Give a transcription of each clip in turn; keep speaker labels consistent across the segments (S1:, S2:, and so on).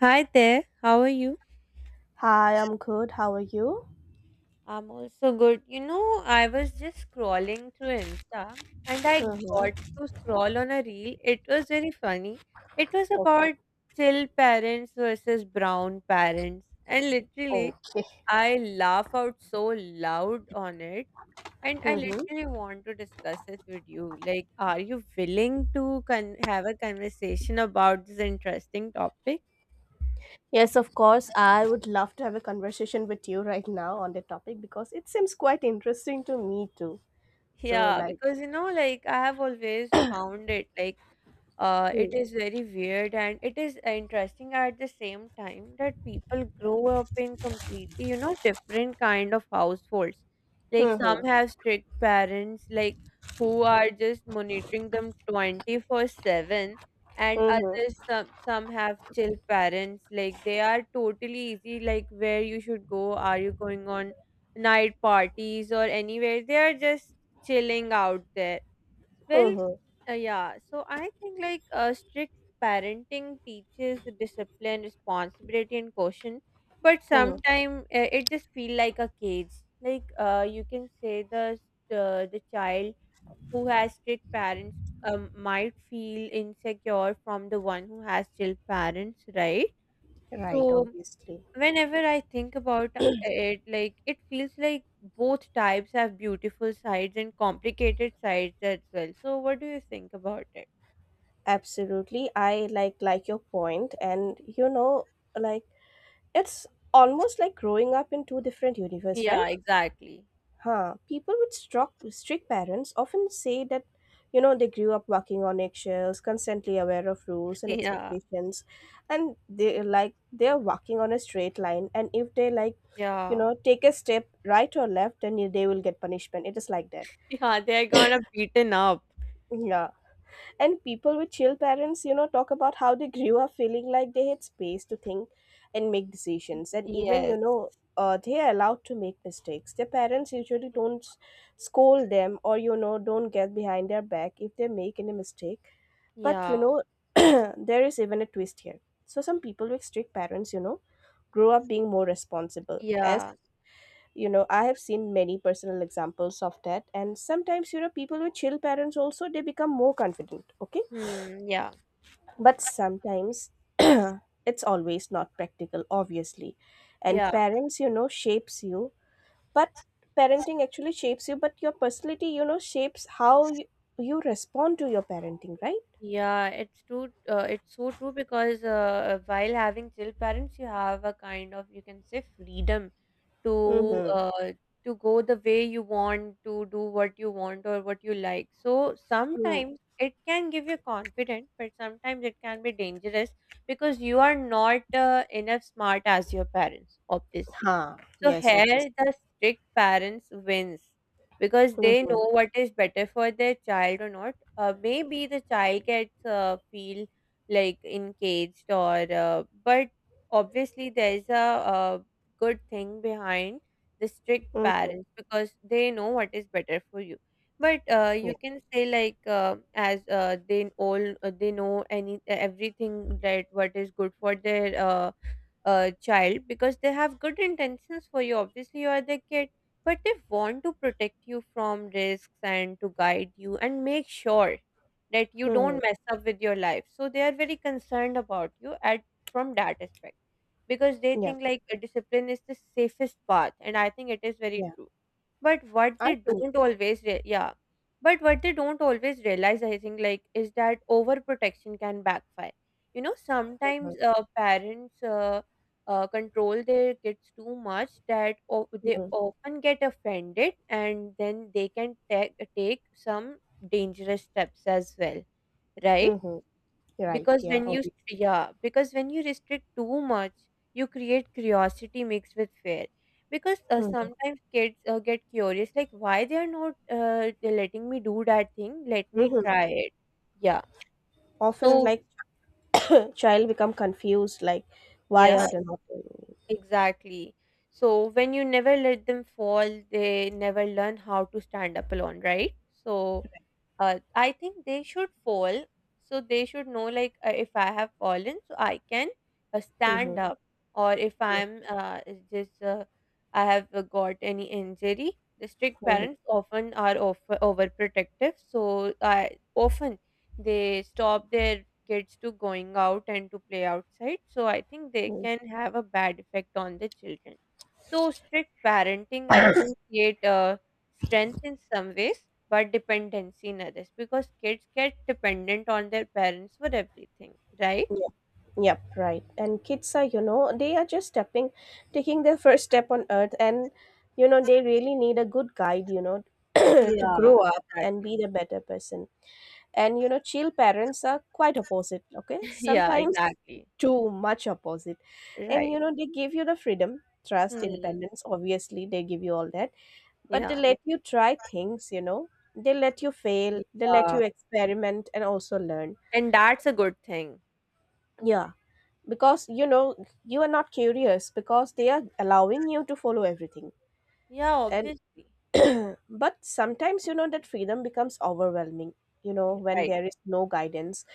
S1: Hi there, how are you?
S2: Hi, I'm good. How are you?
S1: I'm also good. I was just scrolling through Insta and I got
S2: Mm-hmm.
S1: to scroll on a reel. It was very funny. It was
S2: Okay.
S1: about chill parents versus brown parents. And literally,
S2: Okay.
S1: I laugh out so loud on it. And I
S2: Mm-hmm.
S1: literally want to discuss this with you. Like, are you willing to have a conversation about this interesting topic?
S2: Yes, of course. I would love to have a conversation with you right now on the topic because it seems quite interesting to me too. So,
S1: Yeah,
S2: like.
S1: because like I have always found it like
S2: Mm-hmm.
S1: it is very weird and it is interesting at the same time that people grow up in completely, different kind of households. Like some
S2: Mm-hmm.
S1: have strict parents like who are just monitoring them 24/7, and others some have chill parents, like they are totally easy, like where you should go, are you going on night parties or anywhere. They are just chilling out there. Well,
S2: Mm-hmm.
S1: yeah, so I think strict parenting teaches discipline, responsibility, and caution, but
S2: Mm-hmm.
S1: sometimes it just feel like a cage. You can say the child who has strict parents might feel insecure from the one who has chill parents, right?
S2: Right,
S1: So
S2: obviously.
S1: whenever I think about it, like it feels like both types have beautiful sides and complicated sides as well. So, what do you think about it?
S2: Absolutely. I like your point, and you know, like it's almost like growing up in two different universe, right?
S1: Yeah, exactly.
S2: Huh. People with strict parents often say that, you know, they grew up walking on eggshells, constantly aware of rules and
S1: Yeah,
S2: expectations, and they like they're walking on a straight line. And if they like, you
S1: yeah,
S2: know, take a step right or left, then they will get punishment. It is like that.
S1: yeah, they're gonna beaten up.
S2: Yeah. And people with chill parents, you know, talk about how they grew up feeling like they had space to think and make decisions. And even, you
S1: Yes.
S2: know, they are allowed to make mistakes. Their parents usually don't scold them or, you know, don't get behind their back if they make any mistake. But, you
S1: Yeah,
S2: know, there is even a twist here. So some people with strict parents, you know, grow up being more responsible. As
S1: yeah,
S2: you know, I have seen many personal examples of that. And sometimes, you know, people with chill parents also they become more confident. Okay,
S1: hmm, yeah,
S2: but sometimes it's always not practical, obviously. And
S1: yeah,
S2: parents, you know, shapes you. But parenting actually shapes you, but your personality, you know, shapes how you respond to your parenting, right?
S1: yeah. It's true. It's so true because while having chill parents, you have a kind of, you can say, freedom to
S2: Mm-hmm.
S1: uh, to go the way you want, to do what you want or what you like. So
S2: Mm.
S1: sometimes it can give you confidence, but sometimes it can be dangerous because you are not enough smart as your parents, obviously.
S2: Huh.
S1: So
S2: Yes,
S1: here
S2: obviously.
S1: the strict parents wins because they
S2: Mm-hmm.
S1: know what is better for their child or not. Maybe the child gets feel like encaged, or but obviously there's a uh, good thing behind the strict
S2: Mm-hmm.
S1: parents because they know what is better for you. But
S2: Yeah.
S1: you can say like as they all they know any everything that what is good for their child, because they have good intentions for you. Obviously, you are their kid, but they want to protect you from risks and to guide you and make sure that you
S2: Mm-hmm.
S1: don't mess up with your life. So they are very concerned about you at from that aspect because they
S2: Yeah.
S1: think like a discipline is the safest path, and I think it is very
S2: Yeah.
S1: true. But what
S2: I
S1: they
S2: think.
S1: don't always realize, I think like, is that overprotection can backfire. You know,
S2: Mm-hmm.
S1: sometimes parents control their kids too much that they
S2: Mm-hmm.
S1: often get offended and then they can take some dangerous steps as well, right?
S2: Mm-hmm. Right.
S1: because
S2: Yeah.
S1: when you
S2: Obviously.
S1: yeah because when you restrict too much, you create curiosity mixed with fear. Because uh,
S2: Mm-hmm.
S1: sometimes kids uh, get curious like, why they are not letting me do that thing, let me
S2: Mm-hmm.
S1: try it. Yeah,
S2: Often,
S1: so
S2: like, child become confused, like, why
S1: yeah.
S2: are they not telling me?
S1: Exactly. So when you never let them fall, they never learn how to stand up alone, right? So I think they should fall. So they should know, like, if I have fallen, so I can
S2: Mm-hmm.
S1: stand up. Or if I have got any injury. The strict
S2: Mm-hmm.
S1: parents often are overprotective. So I often they stop their kids to going out and to play outside. So I think they
S2: Mm-hmm.
S1: can have a bad effect on the children. So strict parenting, I think, create a strength in some ways, but dependency in others, because kids get dependent on their parents for everything, right?
S2: Yep. Yep, right. And kids are, you know, they are just stepping, taking their first step on earth, and you know, they really need a good guide, you know, to
S1: Yeah,
S2: grow up and
S1: exactly.
S2: be the better person. And you know, chill parents are quite opposite, okay?
S1: Yeah,
S2: Sometimes
S1: exactly.
S2: too much opposite. And you
S1: Right.
S2: know, they give you the freedom, trust,
S1: Hmm.
S2: independence. Obviously, they give you all that, but they
S1: Yeah.
S2: let you try things, you know, they let you fail, they let
S1: Yeah.
S2: you experiment and also learn.
S1: And that's a good thing.
S2: Yeah, because you know you are not curious because they are allowing you to follow everything,
S1: Yeah,
S2: and
S1: obviously.
S2: but sometimes you know that freedom becomes overwhelming, you know, when
S1: Right.
S2: there is no guidance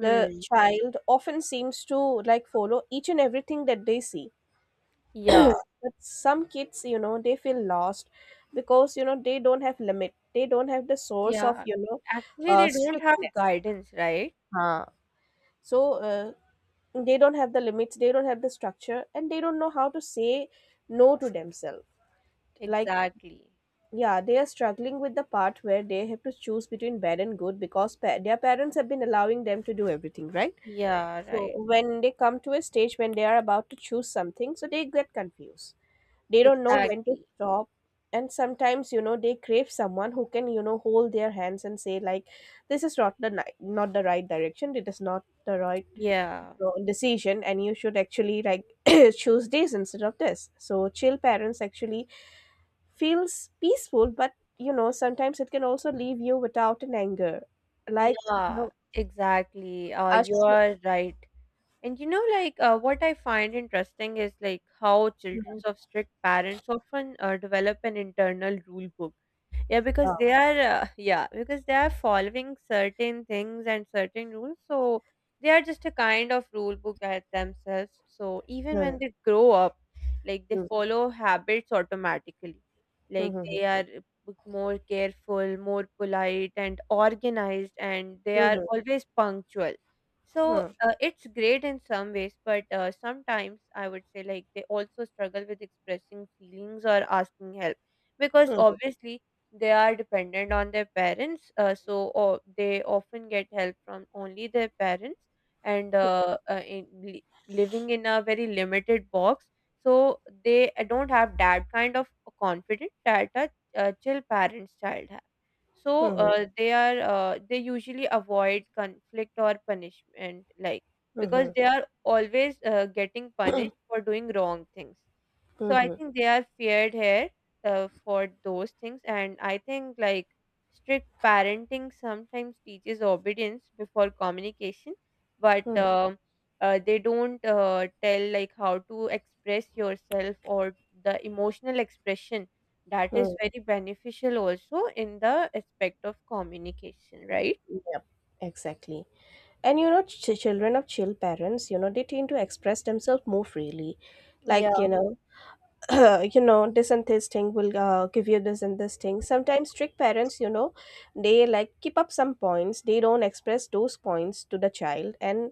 S2: the child often seems to like follow each and everything that they see.
S1: Yeah.
S2: But some kids, you know, they feel lost because, you know, they don't have limit, they don't have the source of,
S1: Yeah,
S2: you know,
S1: actually, they don't have
S2: strictness.
S1: guidance, right?
S2: Huh. So uh, they don't have the limits, they don't have the structure, and they don't know how to say no to themselves, like,
S1: Exactly.
S2: yeah, they are struggling with the part where they have to choose between bad and good because their parents have been allowing them to do everything, right?
S1: Yeah,
S2: So
S1: right.
S2: when they come to a stage when they are about to choose something, so they get confused, they don't know when to
S1: Exactly.
S2: stop, and sometimes you know they crave someone who can, you know, hold their hands and say like this is not not the right direction, it is not the right,
S1: Yeah.
S2: know, decision, and you should actually like choose this instead of this. So chill parents actually feels peaceful, but you know sometimes it can also leave you without an anger, like, you
S1: Yeah,
S2: know,
S1: exactly. You
S2: ash-
S1: are right. And like, what I find interesting is like how children of strict parents often develop an internal rule book.
S2: uh,
S1: Because they are following certain things and certain rules, so they are just a kind of rule book at themselves. So even
S2: hmm,
S1: when they grow up, like they
S2: hmm,
S1: follow habits automatically,
S2: hmm,
S1: like
S2: hmm,
S1: they are more careful, more polite and organized, and they are
S2: hmm,
S1: always punctual. so
S2: hmm,
S1: uh, it's great in some ways, but sometimes I would say like they also struggle with expressing feelings or asking help, because
S2: hmm, hmm,
S1: obviously they are dependent on their parents. So o They often get help from only their parents, and in, li living in a very limited box. They don't have that kind of confidence that a chill parent's child have. So
S2: hmm,
S1: they usually avoid conflict or punishment, like because
S2: hmm,
S1: they are always getting punished for doing wrong things.
S2: hmm,
S1: So I
S2: hmm,
S1: think they are feared here for those things. And I think like strict parenting sometimes teaches obedience before communication. but
S2: hmm,
S1: um uh, they don't tell like how to express yourself, or the emotional expression that is
S2: hmm.
S1: very beneficial also in the aspect of communication, right?
S2: Yep, exactly. And you know, children of chill parents, you know, they tend to express themselves more freely. Like,
S1: Yeah,
S2: you know, you know, this and this thing will give you this and this thing. Sometimes strict parents, you know, they like keep up some points. They don't express those points to the child, and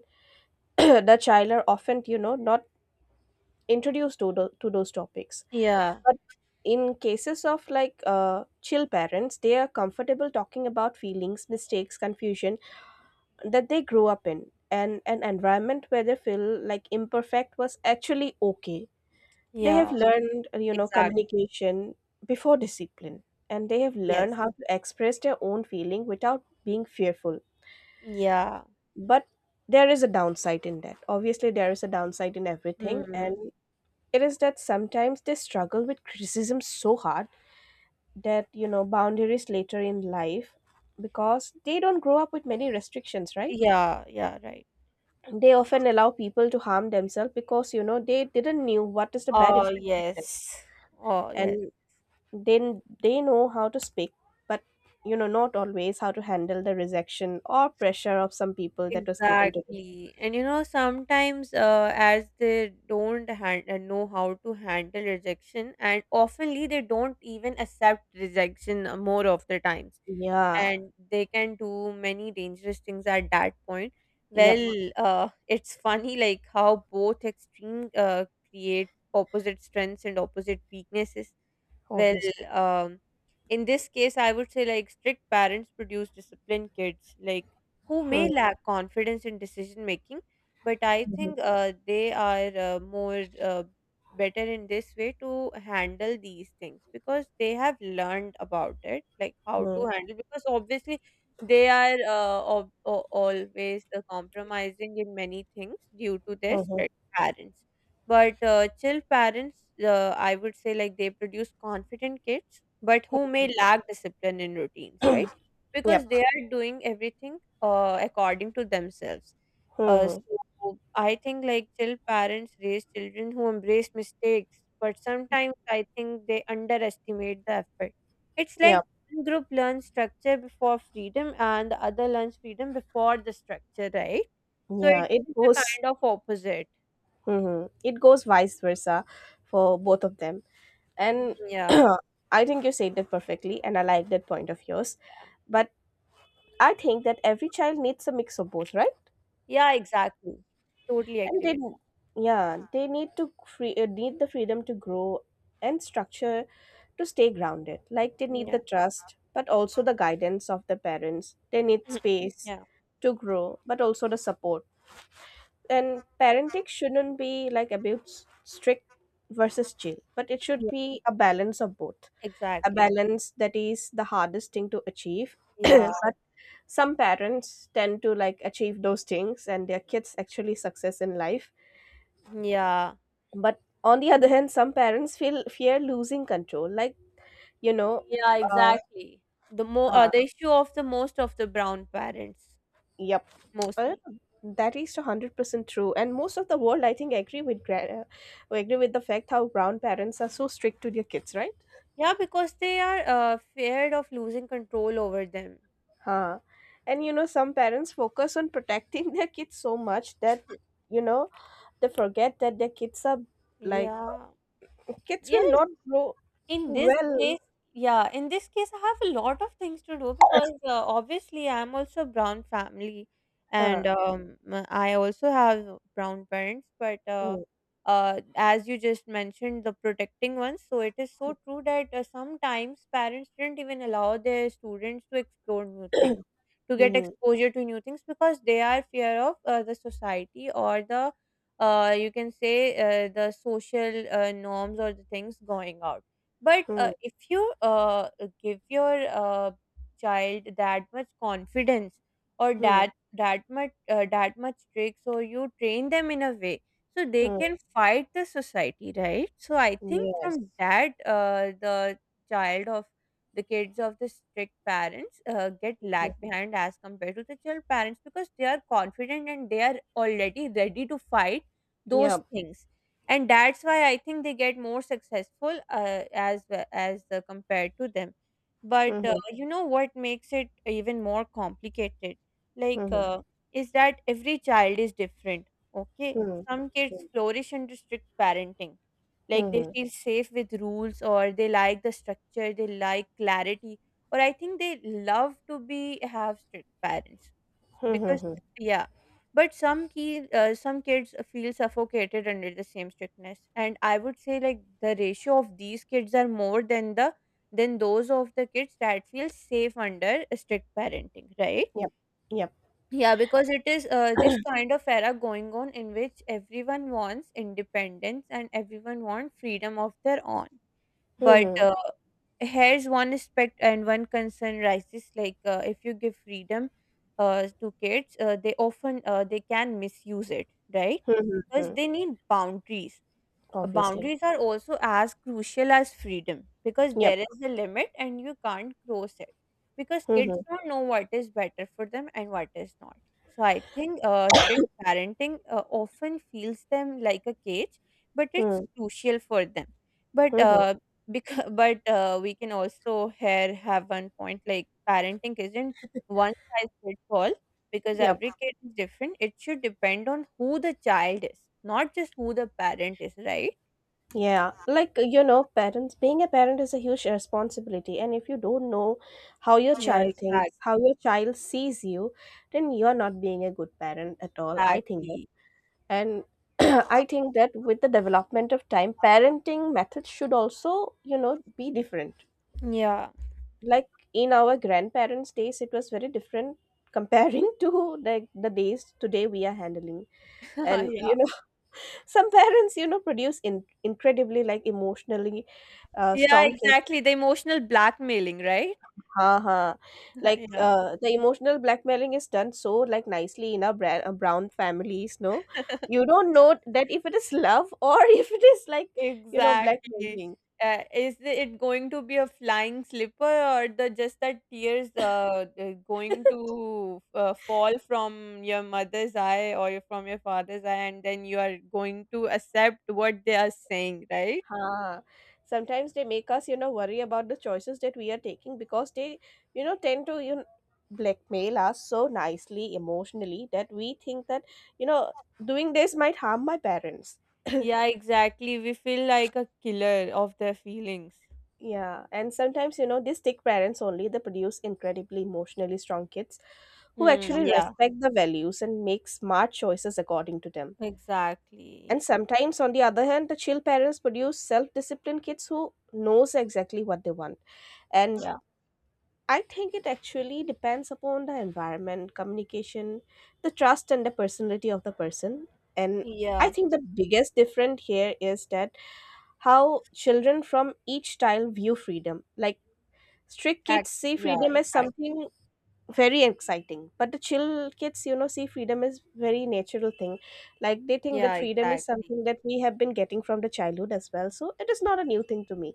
S2: the child are often, you know, not introduced to to those topics.
S1: yeah,
S2: But in cases of like chill parents, they are comfortable talking about feelings, mistakes, confusion that they grew up in, and an environment where they feel like imperfect was actually okay. They have
S1: yeah,
S2: learned, you know,
S1: exactly.
S2: communication before discipline, and they have
S1: Yes,
S2: learned how to express their own feeling without being fearful.
S1: yeah,
S2: But there is a downside in that, obviously there is a downside in everything, and
S1: hmm.
S2: it is that sometimes they struggle with criticism so hard that, you know, boundaries later in life, because they don't grow up with many restrictions, right?
S1: Yeah, yeah, right.
S2: They often allow people to harm themselves because, you know, they didn't knew what is the bad
S1: Oh
S2: impact of
S1: yes,
S2: them.
S1: oh yes.
S2: And then they know how to speak, but you know not always how to handle the rejection or pressure of some people that was given to them.
S1: Exactly. And you know, sometimes as they don't know how to handle rejection, and oftenly they don't even accept rejection more of the times.
S2: Yeah.
S1: And they can do many dangerous things at that point.
S2: Yep,
S1: Well, it's funny like how both extreme create opposite strengths and opposite weaknesses. Well,
S2: obviously.
S1: um, in this case, I would say like strict parents produce disciplined kids, like who may
S2: Hmm.
S1: lack confidence in decision making, but I
S2: Mm-hmm.
S1: think they are more better in this way to handle these things because they have learned about it, like how
S2: Hmm.
S1: to handle. Because obviously, they are always compromising in many things due to their
S2: Mm-hmm.
S1: strict parents. But chill parents, I would say, like they produce confident kids, but who may lack discipline in routines, right? Because
S2: Yep.
S1: they are doing everything according to themselves.
S2: Hmm.
S1: So I think like chill parents raise children who embrace mistakes, but sometimes I think they underestimate the effort. It's like
S2: Yep.
S1: one group learns structure before freedom, and the other learns freedom before the structure, right? So
S2: Yeah, it
S1: it's a
S2: goes.
S1: kind of opposite.
S2: Hmm, it goes vice versa for both of them. And
S1: Yeah.
S2: I think you said that perfectly, and I like that point of yours.
S1: Yeah.
S2: But I think that every child needs a mix of both, right?
S1: Yeah, exactly. Totally
S2: And
S1: agree
S2: they,
S1: with
S2: yeah, they need to free, need the freedom to grow, and structure to stay grounded. Like they
S1: that.
S2: need the
S1: Yeah.
S2: trust, but also the guidance of the parents. They need space
S1: Yeah.
S2: to grow, but also the support. And parenting shouldn't be like about strict versus chill, but it should
S1: Yeah,
S2: be a balance of both. A
S1: exactly.
S2: balance that is the hardest thing to achieve,
S1: Yeah.
S2: but some parents tend to like achieve those things and their kids actually success in life,
S1: Yeah.
S2: but on the other hand some parents feel fear losing control, like, you know,
S1: Yeah,
S2: uh,
S1: exactly. The more
S2: uh
S1: the issue of the most of the brown parents,
S2: yep uh,
S1: mostly.
S2: that is 100% true, and most of the world I think we agree with the fact how brown parents are so strict to their kids, right?
S1: Yeah, because they are feared of losing control over them.
S2: Huh. And you know some parents focus on protecting their kids so much that, you know, they forget that their kids are like.
S1: Yeah.
S2: Kids will
S1: Yeah,
S2: not grow
S1: in this
S2: well.
S1: case. Yeah, in this case, I have a lot of things to do, because obviously I'm also brown family,
S2: Huh.
S1: and I also have brown parents. But
S2: Mm.
S1: as you just mentioned, the protecting ones. So it is so true that sometimes parents didn't even allow their students to explore new things, to get
S2: Mhm.
S1: exposure to new things, because they are fear of the society, or the you can say the social norms or the things going out. But uh,
S2: Mm.
S1: if you uh, give your child that much confidence, or
S2: Mm.
S1: that much tricks, or you train them in a way so they
S2: Mm.
S1: can fight the society, right? So I think
S2: Yes.
S1: from that child of the kids of the strict parents get
S2: Mm.
S1: lag behind as compared to the chill parents, because they are confident and they are already ready to fight those
S2: Yep.
S1: things, and that's why I think they get more successful as compared to them. But
S2: Mhm.
S1: you know what makes it even more complicated, like
S2: Mhm.
S1: uh, is that every child is different, okay?
S2: Hmm.
S1: Some kids flourish under strict parenting, like they
S2: Mhm.
S1: feel safe with rules, or they like the structure, they like clarity, or I think they love to be have strict parents
S2: Mhm.
S1: because,
S2: Mhm.
S1: yeah. But some kids feel suffocated under the same strictness. And I would say like the ratio of these kids are more than the than those of the kids that feel safe under strict parenting, right?
S2: Yep. Yep.
S1: Yeah, because it is this kind of era going on in which everyone wants independence and everyone wants freedom of their own. But
S2: Mhm.
S1: here's one aspect and one concern rises, like if you give freedom to kids, they can misuse it, right?
S2: Mhm.
S1: Because
S2: Mhm.
S1: they need boundaries.
S2: Obviously.
S1: Boundaries are also as crucial as freedom, because
S2: Yep.
S1: there is a limit and you can't cross it, because kids
S2: Mhm.
S1: don't know what is better for them and what is not. So I think strict parenting often feels them like a cage, but it's
S2: Mm.
S1: crucial for them. But
S2: Mhm.
S1: because but We can also here have one point like parenting isn't one size fits all, because
S2: Yep.
S1: every kid is different. It should depend on who the child is, not just who the parent is, right?
S2: Yeah, like, you know, parents being a parent is a huge responsibility, and if you don't know how your
S1: Yeah,
S2: child thinks, how your child sees you, then you're not being a good parent at all. I think,
S1: exactly.
S2: and I think that with the development of time parenting methods should also, you know, be different,
S1: Yeah.
S2: like in our grandparents days it was very different comparing to like the days today we are handling. And, you
S1: Yeah.
S2: know, some parents, you know, produce incredibly like emotionally
S1: Yeah,
S2: strong kids.
S1: exactly. The emotional blackmailing, right?
S2: हाँ हाँ, like
S1: Yeah.
S2: the emotional blackmailing is done so like nicely in our brown families, no? You don't know that if it is love or if it is like, you know,
S1: Exactly.
S2: blackmailing.
S1: Is it going to be a flying slipper or the just that tears going to fall from your mother's eye or from your father's eye, and then you are going to accept what they are saying, right?
S2: हाँ, sometimes they make us, you know, worry about the choices that we are taking because they, you know, tend to, you know, blackmail us so nicely emotionally that we think that, you know, doing this might harm my parents.
S1: Yeah, exactly. We feel like a killer of their feelings.
S2: Yeah, and sometimes, you know, these stick parents only they produce incredibly emotionally strong kids who
S1: Hmm.
S2: actually
S1: Yeah,
S2: respect the values and make smart choices according to them.
S1: exactly.
S2: And sometimes, on the other hand, the chill parents produce self-disciplined kids who knows exactly what they want. And
S1: Yeah.
S2: I think it actually depends upon the environment, communication, the trust and the personality of the person. And I
S1: Yeah.
S2: think the biggest difference here is that how children from each style view freedom. Like strict
S1: That,
S2: kids see
S1: yeah,
S2: freedom as
S1: exactly.
S2: something very exciting, but the chill kids, you know, see freedom as very natural thing, like they think that
S1: Yeah,
S2: freedom is
S1: exactly.
S2: something that we have been getting from the childhood as well, so it is not a new thing to me.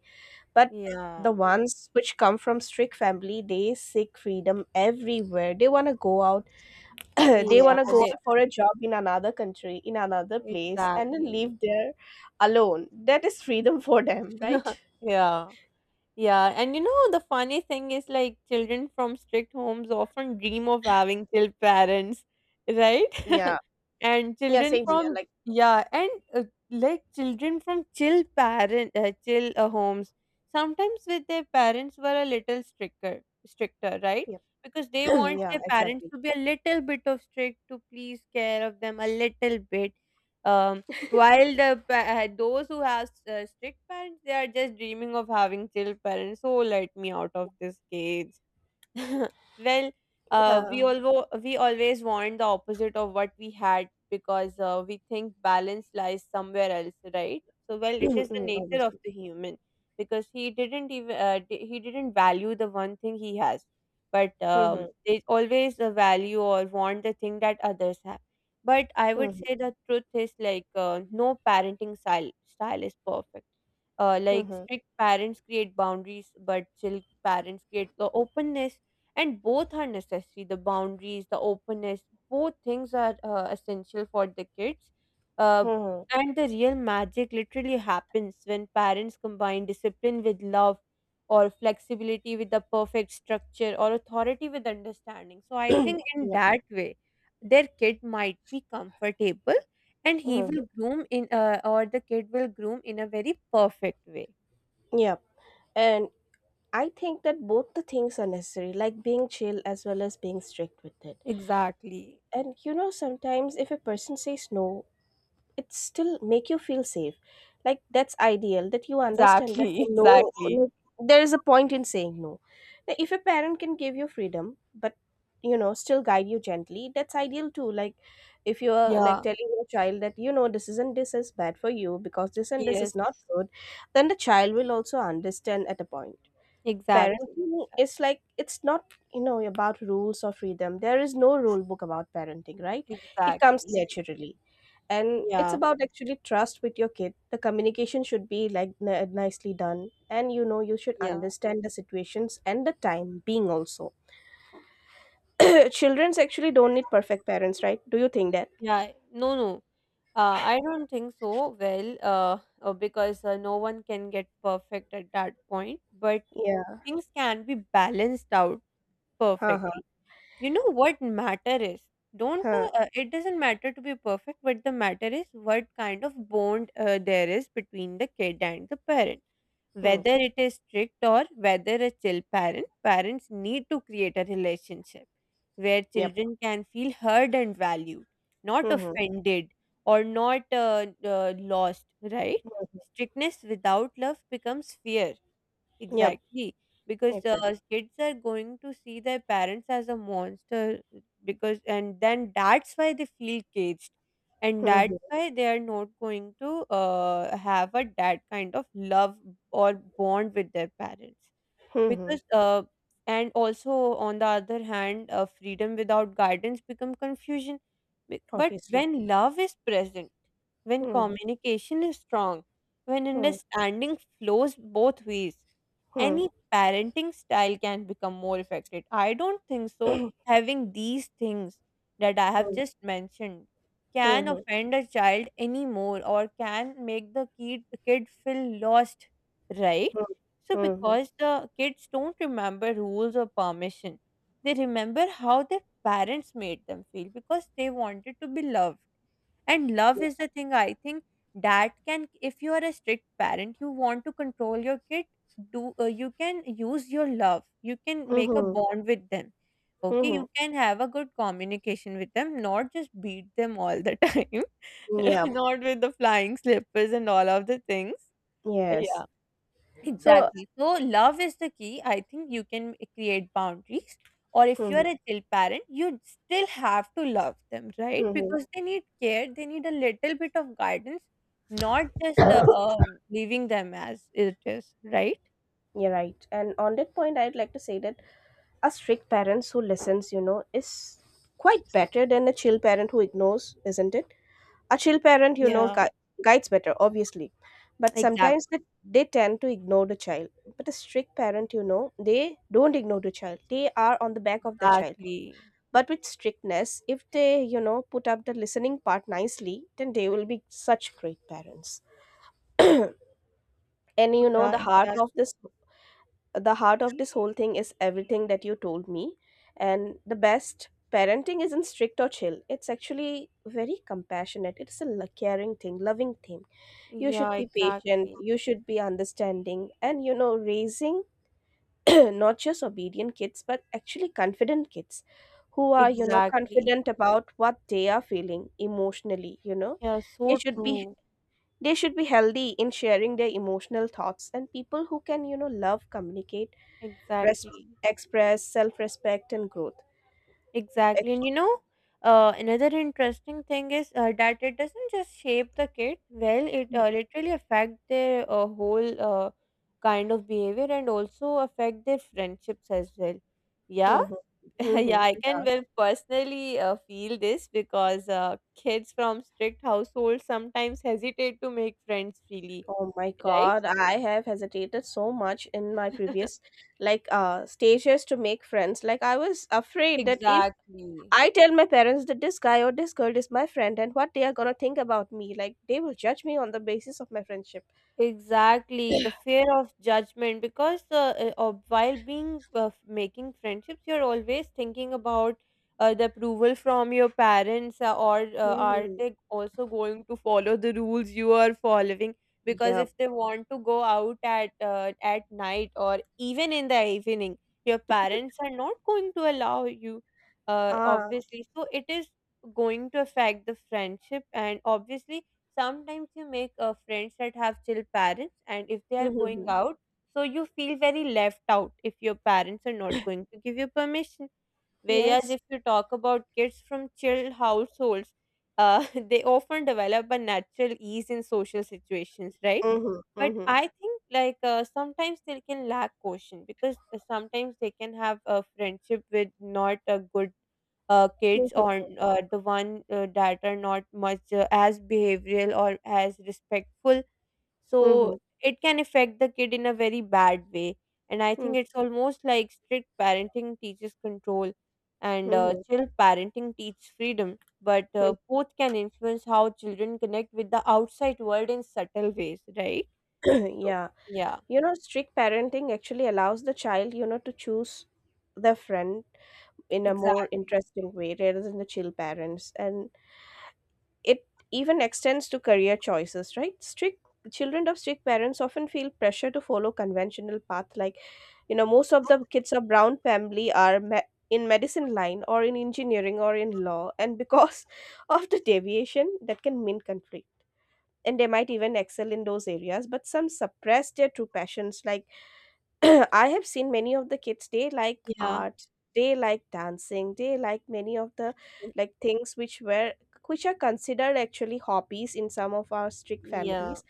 S2: But
S1: Yeah.
S2: the ones which come from strict family they seek freedom everywhere, they want to go out, they
S1: Yeah,
S2: want to go
S1: And
S2: out for a job in another country, in another place, and then live
S1: exactly.
S2: there alone. That is freedom for them, right?
S1: Yeah. Yeah, and you know, the funny thing is like children from strict homes often dream of having chill parents, right?
S2: Yeah.
S1: And
S2: Yeah,
S1: children
S2: same here,
S1: from,
S2: like,
S1: yeah, and like children from chill homes sometimes with their parents were a little stricter, right?
S2: yeah.
S1: Because they want
S2: Yeah,
S1: their parents
S2: exactly.
S1: to be a little bit of strict to please care of them a little bit. Um. While the those who have strict parents, they are just dreaming of having chill parents. So let me out of this cage. Well, we
S2: Yeah.
S1: always we always want the opposite of what we had, because we think balance lies somewhere else, right? So, well, it is the
S2: Mm.
S1: nature of
S2: Obviously.
S1: the human, because he didn't even he didn't value the one thing he has, but
S2: Mhm.
S1: they always the value or want the thing that others have. But I would
S2: Mhm.
S1: say the truth is like no parenting style is perfect. Like
S2: Mhm.
S1: strict parents create boundaries, but chill parents create the openness, and both are necessary: the boundaries, the openness. Both things are essential for the kids, uh,
S2: Mhm.
S1: and the real magic literally happens when parents combine discipline with love, or flexibility with the perfect structure, or authority with understanding. So I think in
S2: Yep.
S1: that way their kid might be comfortable, and he
S2: Mhm.
S1: will groom in or the kid will groom in a very perfect way.
S2: Yep. And I think that both the things are necessary, like being chill as well as being strict with it.
S1: Exactly.
S2: And sometimes if a person says no, it still make you feel safe. Like, that's ideal that you understand that
S1: Exactly.
S2: the no,
S1: Exactly.
S2: like, there is a point in saying no. Now, if a parent can give you freedom but still guide you gently, that's ideal too. Like, if you're like
S1: Yeah.
S2: telling your child that this isn't this is bad for you because this and this
S1: Yes.
S2: is not good, then the child will also understand at a point.
S1: Exactly,
S2: Parenting is like, it's not about rules or freedom. There is no rule book about parenting, right? It
S1: exactly.
S2: comes
S1: Right.
S2: naturally. And it's
S1: Yeah,
S2: about actually trust with your kid. The communication should be like nicely done. And you should
S1: yeah,
S2: understand the situations and the time being also. Children's actually don't need perfect parents, right? Do you think that?
S1: yeah. No, no. I don't think so. Well, because no one can get perfect at that point, but
S2: Yeah.
S1: things can be balanced out
S2: Huh, huh.
S1: perfectly. You know what matter is, don't the
S2: Huh.
S1: it doesn't matter to be perfect, but the matter is what kind of bond there is between the kid and the parent,
S2: Hmm.
S1: whether it is strict or whether a chill parent. Parents need to create a relationship where
S2: Yep.
S1: children can feel heard and valued, not
S2: Hmm, hmm.
S1: offended or not lost, right? Strictness without love becomes fear.
S2: Yep.
S1: Exactly, because
S2: Exactly.
S1: kids are going to see their parents as a monster, because and then that's why they feel caged, and
S2: Hmm,
S1: that's
S2: hmm.
S1: why they are not going to have a that kind of love or bond with their parents,
S2: Hmm. Hmm.
S1: because and also on the other hand, freedom without guidance become confusion. But
S2: Obviously.
S1: when love is present, when
S2: Hmm,
S1: communication is strong, when
S2: hmm.
S1: understanding flows both ways,
S2: Hmm,
S1: any parenting style can become more affected. I don't think so. Having these things that I have
S2: hmm.
S1: just mentioned can
S2: Hmm,
S1: offend a child anymore, or can make the kid feel lost, right?
S2: hmm.
S1: So
S2: Hmm, hmm. Hmm, hmm.
S1: because the kids don't remember rules or permission, they remember how their parents made them feel because they wanted to be loved. And love is the thing, I think, that can, if you are a strict parent, you want to control your kid, do you can use your love, you can
S2: Hmm.
S1: make a
S2: Hmm.
S1: bond with them. Okay,
S2: Hmm,
S1: you can have a good communication with them, not just beat them all the time.
S2: hmm. Yep.
S1: Not with the flying slippers and all of the things.
S2: Yes.
S1: Yeah.
S2: So.
S1: Exactly, so love is the key. I think you can create boundaries, or if
S2: Hmm,
S1: you're a chill parent you still have to love them, right?
S2: hmm, hmm.
S1: Because they need care, they need a little bit of guidance, not just leaving them as it is, right?
S2: You're right. And on that point, I'd like to say that a strict parent who listens, you know, is quite better than a chill parent who ignores, isn't it? A chill parent, you know,
S1: Yeah.
S2: guides better, obviously. But
S1: Exact
S2: sometimes they tend to ignore the child. But a strict parent, you know, they don't ignore the child. They are on the back of the child.
S1: exactly.
S2: But with strictness, if they, you know, put up the listening part nicely, then they will be such great parents. And you know, the
S1: Yeah,
S2: heart
S1: exactly.
S2: of this the heart of this whole thing is everything that you told me. And the best parenting isn't strict or chill. It's actually very compassionate. It's a caring thing, loving thing. You should
S1: Yeah,
S2: be patient,
S1: exactly.
S2: you should be understanding, and raising not just obedient kids but actually confident kids who are
S1: Exactly.
S2: confident about what they are feeling emotionally.
S1: Yeah,
S2: they
S1: so
S2: should be
S1: true.
S2: they should be healthy in sharing their emotional thoughts and people who can love, communicate, res-
S1: Exactly.
S2: express self-respect and growth.
S1: Exactly. And you know, another interesting thing is that it doesn't just shape the kid. Well, it literally affect their whole kind of behavior, and also affect their friendships as well. Yeah.
S2: Mm-hmm.
S1: Yeah,
S2: Hmm.
S1: I
S2: Yeah.
S1: can well personally feel this, because kids from strict households sometimes hesitate to make friends freely,
S2: Oh my
S1: right?
S2: God, I have hesitated so much in my previous, like, stages to make friends. Like, I was afraid that if
S1: Exactly.
S2: I tell my parents that this guy or this girl is my friend and what they are gonna think about me, like, they will judge me on the basis of my friendship.
S1: Exactly, the fear of judgment, because while being making friendships, you're always thinking about the approval from your parents, or are
S2: Mm-hmm.
S1: they also going to follow the rules you are following? Because
S2: Yep.
S1: if they want to go out at night or even in the evening, your parents are not going to allow you,
S2: Ah.
S1: obviously. So it is going to affect the friendship, and obviously sometimes you make friends that have chill parents, and if they are going
S2: Mm-hmm.
S1: out, so you feel very left out if your parents are not going to give you permission. Whereas
S2: Yes.
S1: if you talk about kids from chill households, they often develop a natural ease in social situations, right?
S2: Mm-hmm.
S1: But
S2: Mm-hmm.
S1: I think like sometimes they can lack caution, because sometimes they can have a friendship with not a good kids, or
S2: Mm-hmm.
S1: the one that are not much as behavioral or as respectful. So
S2: Mm-hmm.
S1: it can affect the kid in a very bad way. And I think it's almost like strict parenting teaches control, and
S2: Mm-hmm.
S1: chill parenting teaches freedom. But both can influence how children connect with the outside world in subtle ways, right? So
S2: Yeah,
S1: yeah,
S2: strict parenting actually allows the child, to choose their friend in a more
S1: exactly.
S2: interesting way rather than the chill parents. And it even extends to career choices, right? Strict children of strict parents often feel pressure to follow conventional path, like, most of the kids of brown family are in medicine line or in engineering or in law, and because of the deviation that can mean conflict. And they might even excel in those areas, but some suppress their true passions. Like, I have seen many of the kids, they like
S1: Yeah.
S2: art, they like dancing, they like many of the,
S1: Mm.
S2: like, things which are considered actually hobbies in some of our strict
S1: Yeah,
S2: families.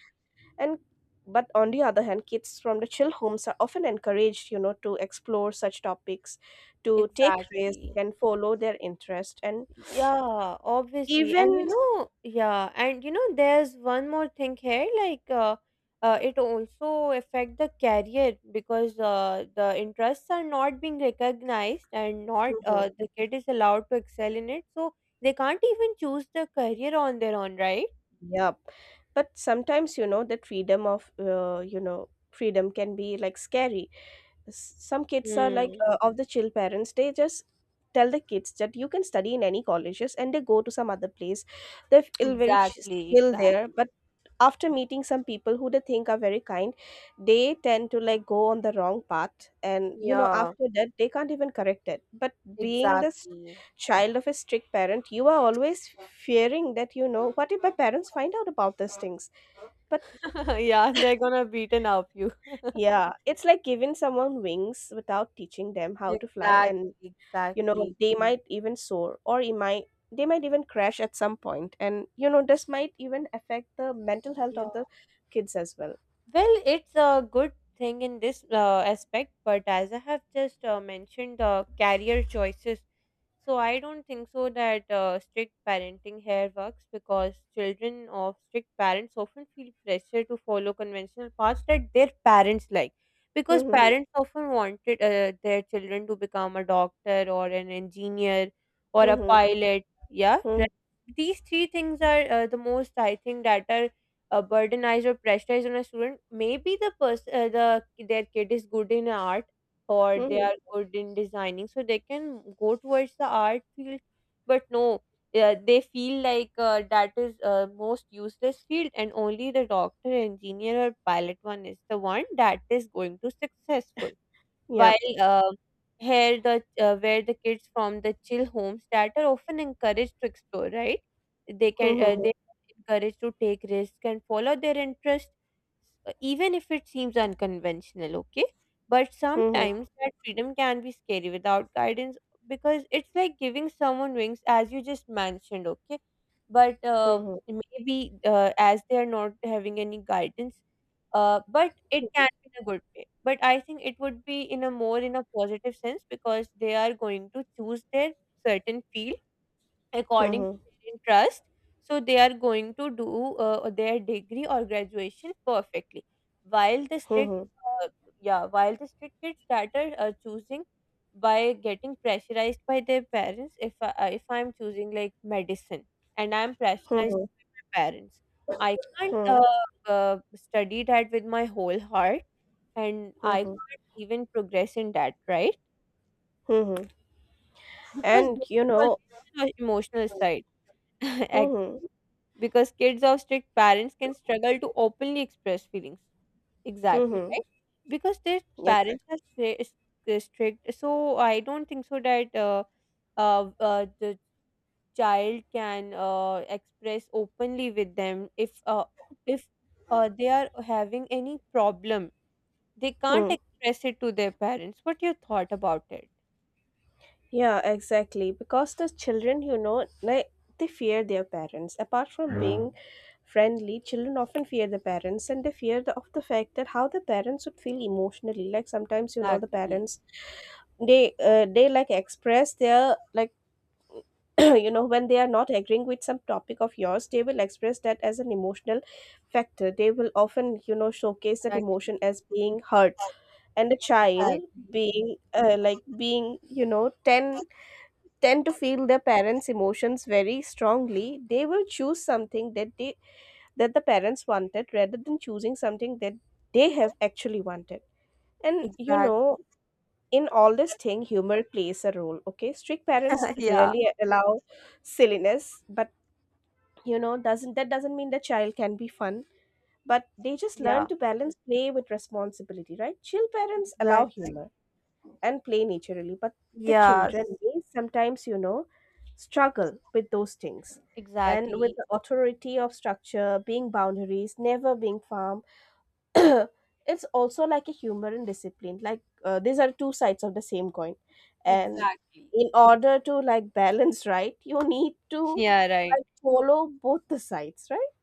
S2: And but on the other hand, kids from the chill homes are often encouraged, to explore such topics, to take risk
S1: exactly.
S2: and follow their interest. And
S1: Yeah, obviously. And you
S2: even
S1: know, yeah, and you know, there's one more thing here, like it also affect the career, because the interests are not being recognized, and not
S2: Mhm.
S1: the kid is allowed to excel in it, so they can't even choose the career on their own, right?
S2: Yeah. But sometimes, that freedom of you know, freedom can be like scary. Some kids are like,
S1: Hmm.
S2: of the chill parents, they just tell the kids that you can study in any colleges, and they go to some other place. They feel very
S1: Exactly,
S2: chill there,
S1: exactly.
S2: but after meeting some people who they think are very kind, they tend to like go on the wrong path. And
S1: Yeah,
S2: after that they can't even correct it. But being this
S1: exactly.
S2: child of a strict parent, you are always fearing that, what if my parents find out about these things? But
S1: Yeah, they're gonna beaten up you.
S2: yeah, it's like giving someone wings without teaching them how to fly. And
S1: Exactly, exactly.
S2: they might even soar, or it might they might even crash at some point. And this might even affect the mental health
S1: Yeah.
S2: of the kids as well.
S1: Well, it's a good thing in this aspect, but as I have just mentioned, career choices. So I don't think so that strict parenting here works, because children of strict parents often feel pressure to follow conventional paths that their parents like. Because
S2: Mhm,
S1: parents often wanted their children to become a doctor or an engineer or a
S2: mhm,
S1: pilot. Yeah,
S2: mhm,
S1: right. These three things are the most I think that are burdenized or pressurized on a student. Maybe the person, their kid is good in art, or they
S2: mhm.
S1: are good in designing, so they can go towards the art field, but no, they feel like that is most useless field, and only the doctor, engineer or pilot one is the one that is going to successful.
S2: Yep.
S1: While here the where the kids from the chill homes that are often encouraged to explore, right, they can
S2: Mhm,
S1: they are encouraged to take risks and follow their interest, even if it seems unconventional. Okay, but
S2: mhm,
S1: sometimes that freedom can be scary without guidance, because it's like giving someone wings, as you just mentioned. Okay, but
S2: mhm,
S1: maybe as they are not having any guidance, but it can be in a good way. But I think it would be in a more in a positive sense, because they are going to choose their certain field according to
S2: mhm,
S1: their interest. So they are going to do their degree or graduation perfectly. While the strict,
S2: mhm,
S1: uh, yeah, while the strict kids that are choosing by getting pressurized by their parents. If I'm choosing like medicine and I'm pressurized
S2: mhm,
S1: parents. I can't
S2: mhm,
S1: study that with my whole heart, and I
S2: mhm,
S1: can't even progress in that, right?
S2: mhm.
S1: Because
S2: And
S1: there is always an emotional side, actually.
S2: mhm,
S1: Because kids of strict parents can struggle to openly express feelings. Exactly,
S2: mhm.
S1: right? Because their
S2: Exactly.
S1: parents are is strict, so I don't think so that the child can express openly with them if they are having any problem, they can't express it to their parents. What your thought about it?
S2: Yeah, exactly. Because the children, like, they fear their parents. Apart from, yeah, being friendly, children often fear the parents, and they fear of the fact that how the parents would feel emotionally. Like sometimes, the
S1: Exactly.
S2: parents, they like express their, like, when they are not agreeing with some topic of yours, they will express that as an emotional factor. They will often showcase that
S1: Exactly.
S2: emotion as being hurt. And a
S1: Exactly.
S2: child being 10 tend to feel their parents' emotions very strongly. They will choose something that they that the parents wanted rather than choosing something that they have actually wanted. And
S1: Exactly.
S2: in all this thing, humor plays a role. Okay, strict parents
S1: Yeah.
S2: rarely allow silliness, but doesn't mean the child can be fun. But they just learn
S1: Yeah.
S2: to balance play with responsibility, right? Chill parents allow
S1: Exactly.
S2: humor and play naturally, but the children
S1: Yes.
S2: may sometimes struggle with those things and with
S1: Exactly.
S2: the authority of structure, being boundaries never being firm. It's also like a humor and discipline, like, these are two sides of the same coin. And
S1: Exactly.
S2: in order to like balance, right, you need to
S1: Yeah, right.
S2: like follow both the sides, right?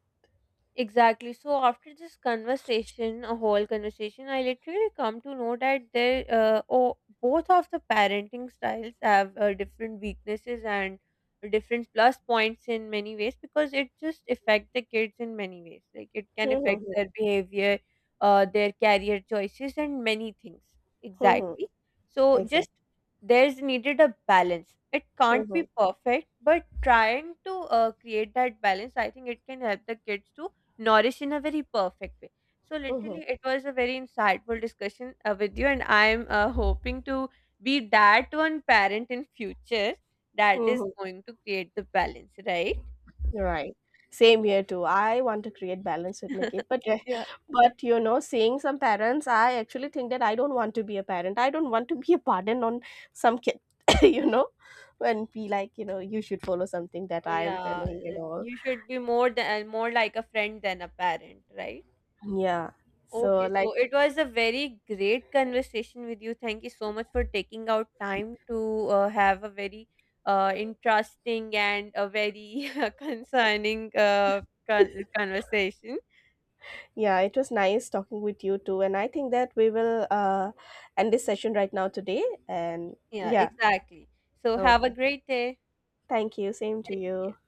S1: Exactly. So after this conversation, a whole conversation, I literally come to know that there, oh, both of the parenting styles have different weaknesses and different plus points in many ways, because it just affect the kids in many ways. Like it can affect
S2: Mm-hmm.
S1: their behavior, their career choices, and many things.
S2: Mm-hmm.
S1: Exactly. So
S2: Exactly.
S1: just there's needed a balance. It can't
S2: Mm-hmm.
S1: be perfect, but trying to create that balance, I think it can help the kids to nourish in a very perfect way. So
S2: Mm-hmm.
S1: literally, it was a very insightful discussion with you, and I'm hoping to be that one parent in future that is
S2: Mm-hmm.
S1: going to create the balance, right?
S2: Right. Same here too. I want to create balance with my kid, but eh,
S1: Yeah,
S2: but you know, seeing some parents, I actually think that I don't want to be a parent. I don't want to be a burden on some kid, you know, and be like, you should follow something that
S1: oh,
S2: I am
S1: yeah.
S2: telling and all.
S1: You should be more than more like a friend than a parent, right?
S2: Yeah. So
S1: Okay,
S2: like,
S1: so it was a very great conversation with you. Thank you so much for taking out time to have a very interesting and a very concerning conversation.
S2: yeah, it was nice talking with you too, and I think that we will end this session right now today. And
S1: Yeah,
S2: yeah,
S1: exactly. So have a
S2: okay.
S1: great day.
S2: Thank you. Same to
S1: Thank
S2: you.
S1: you.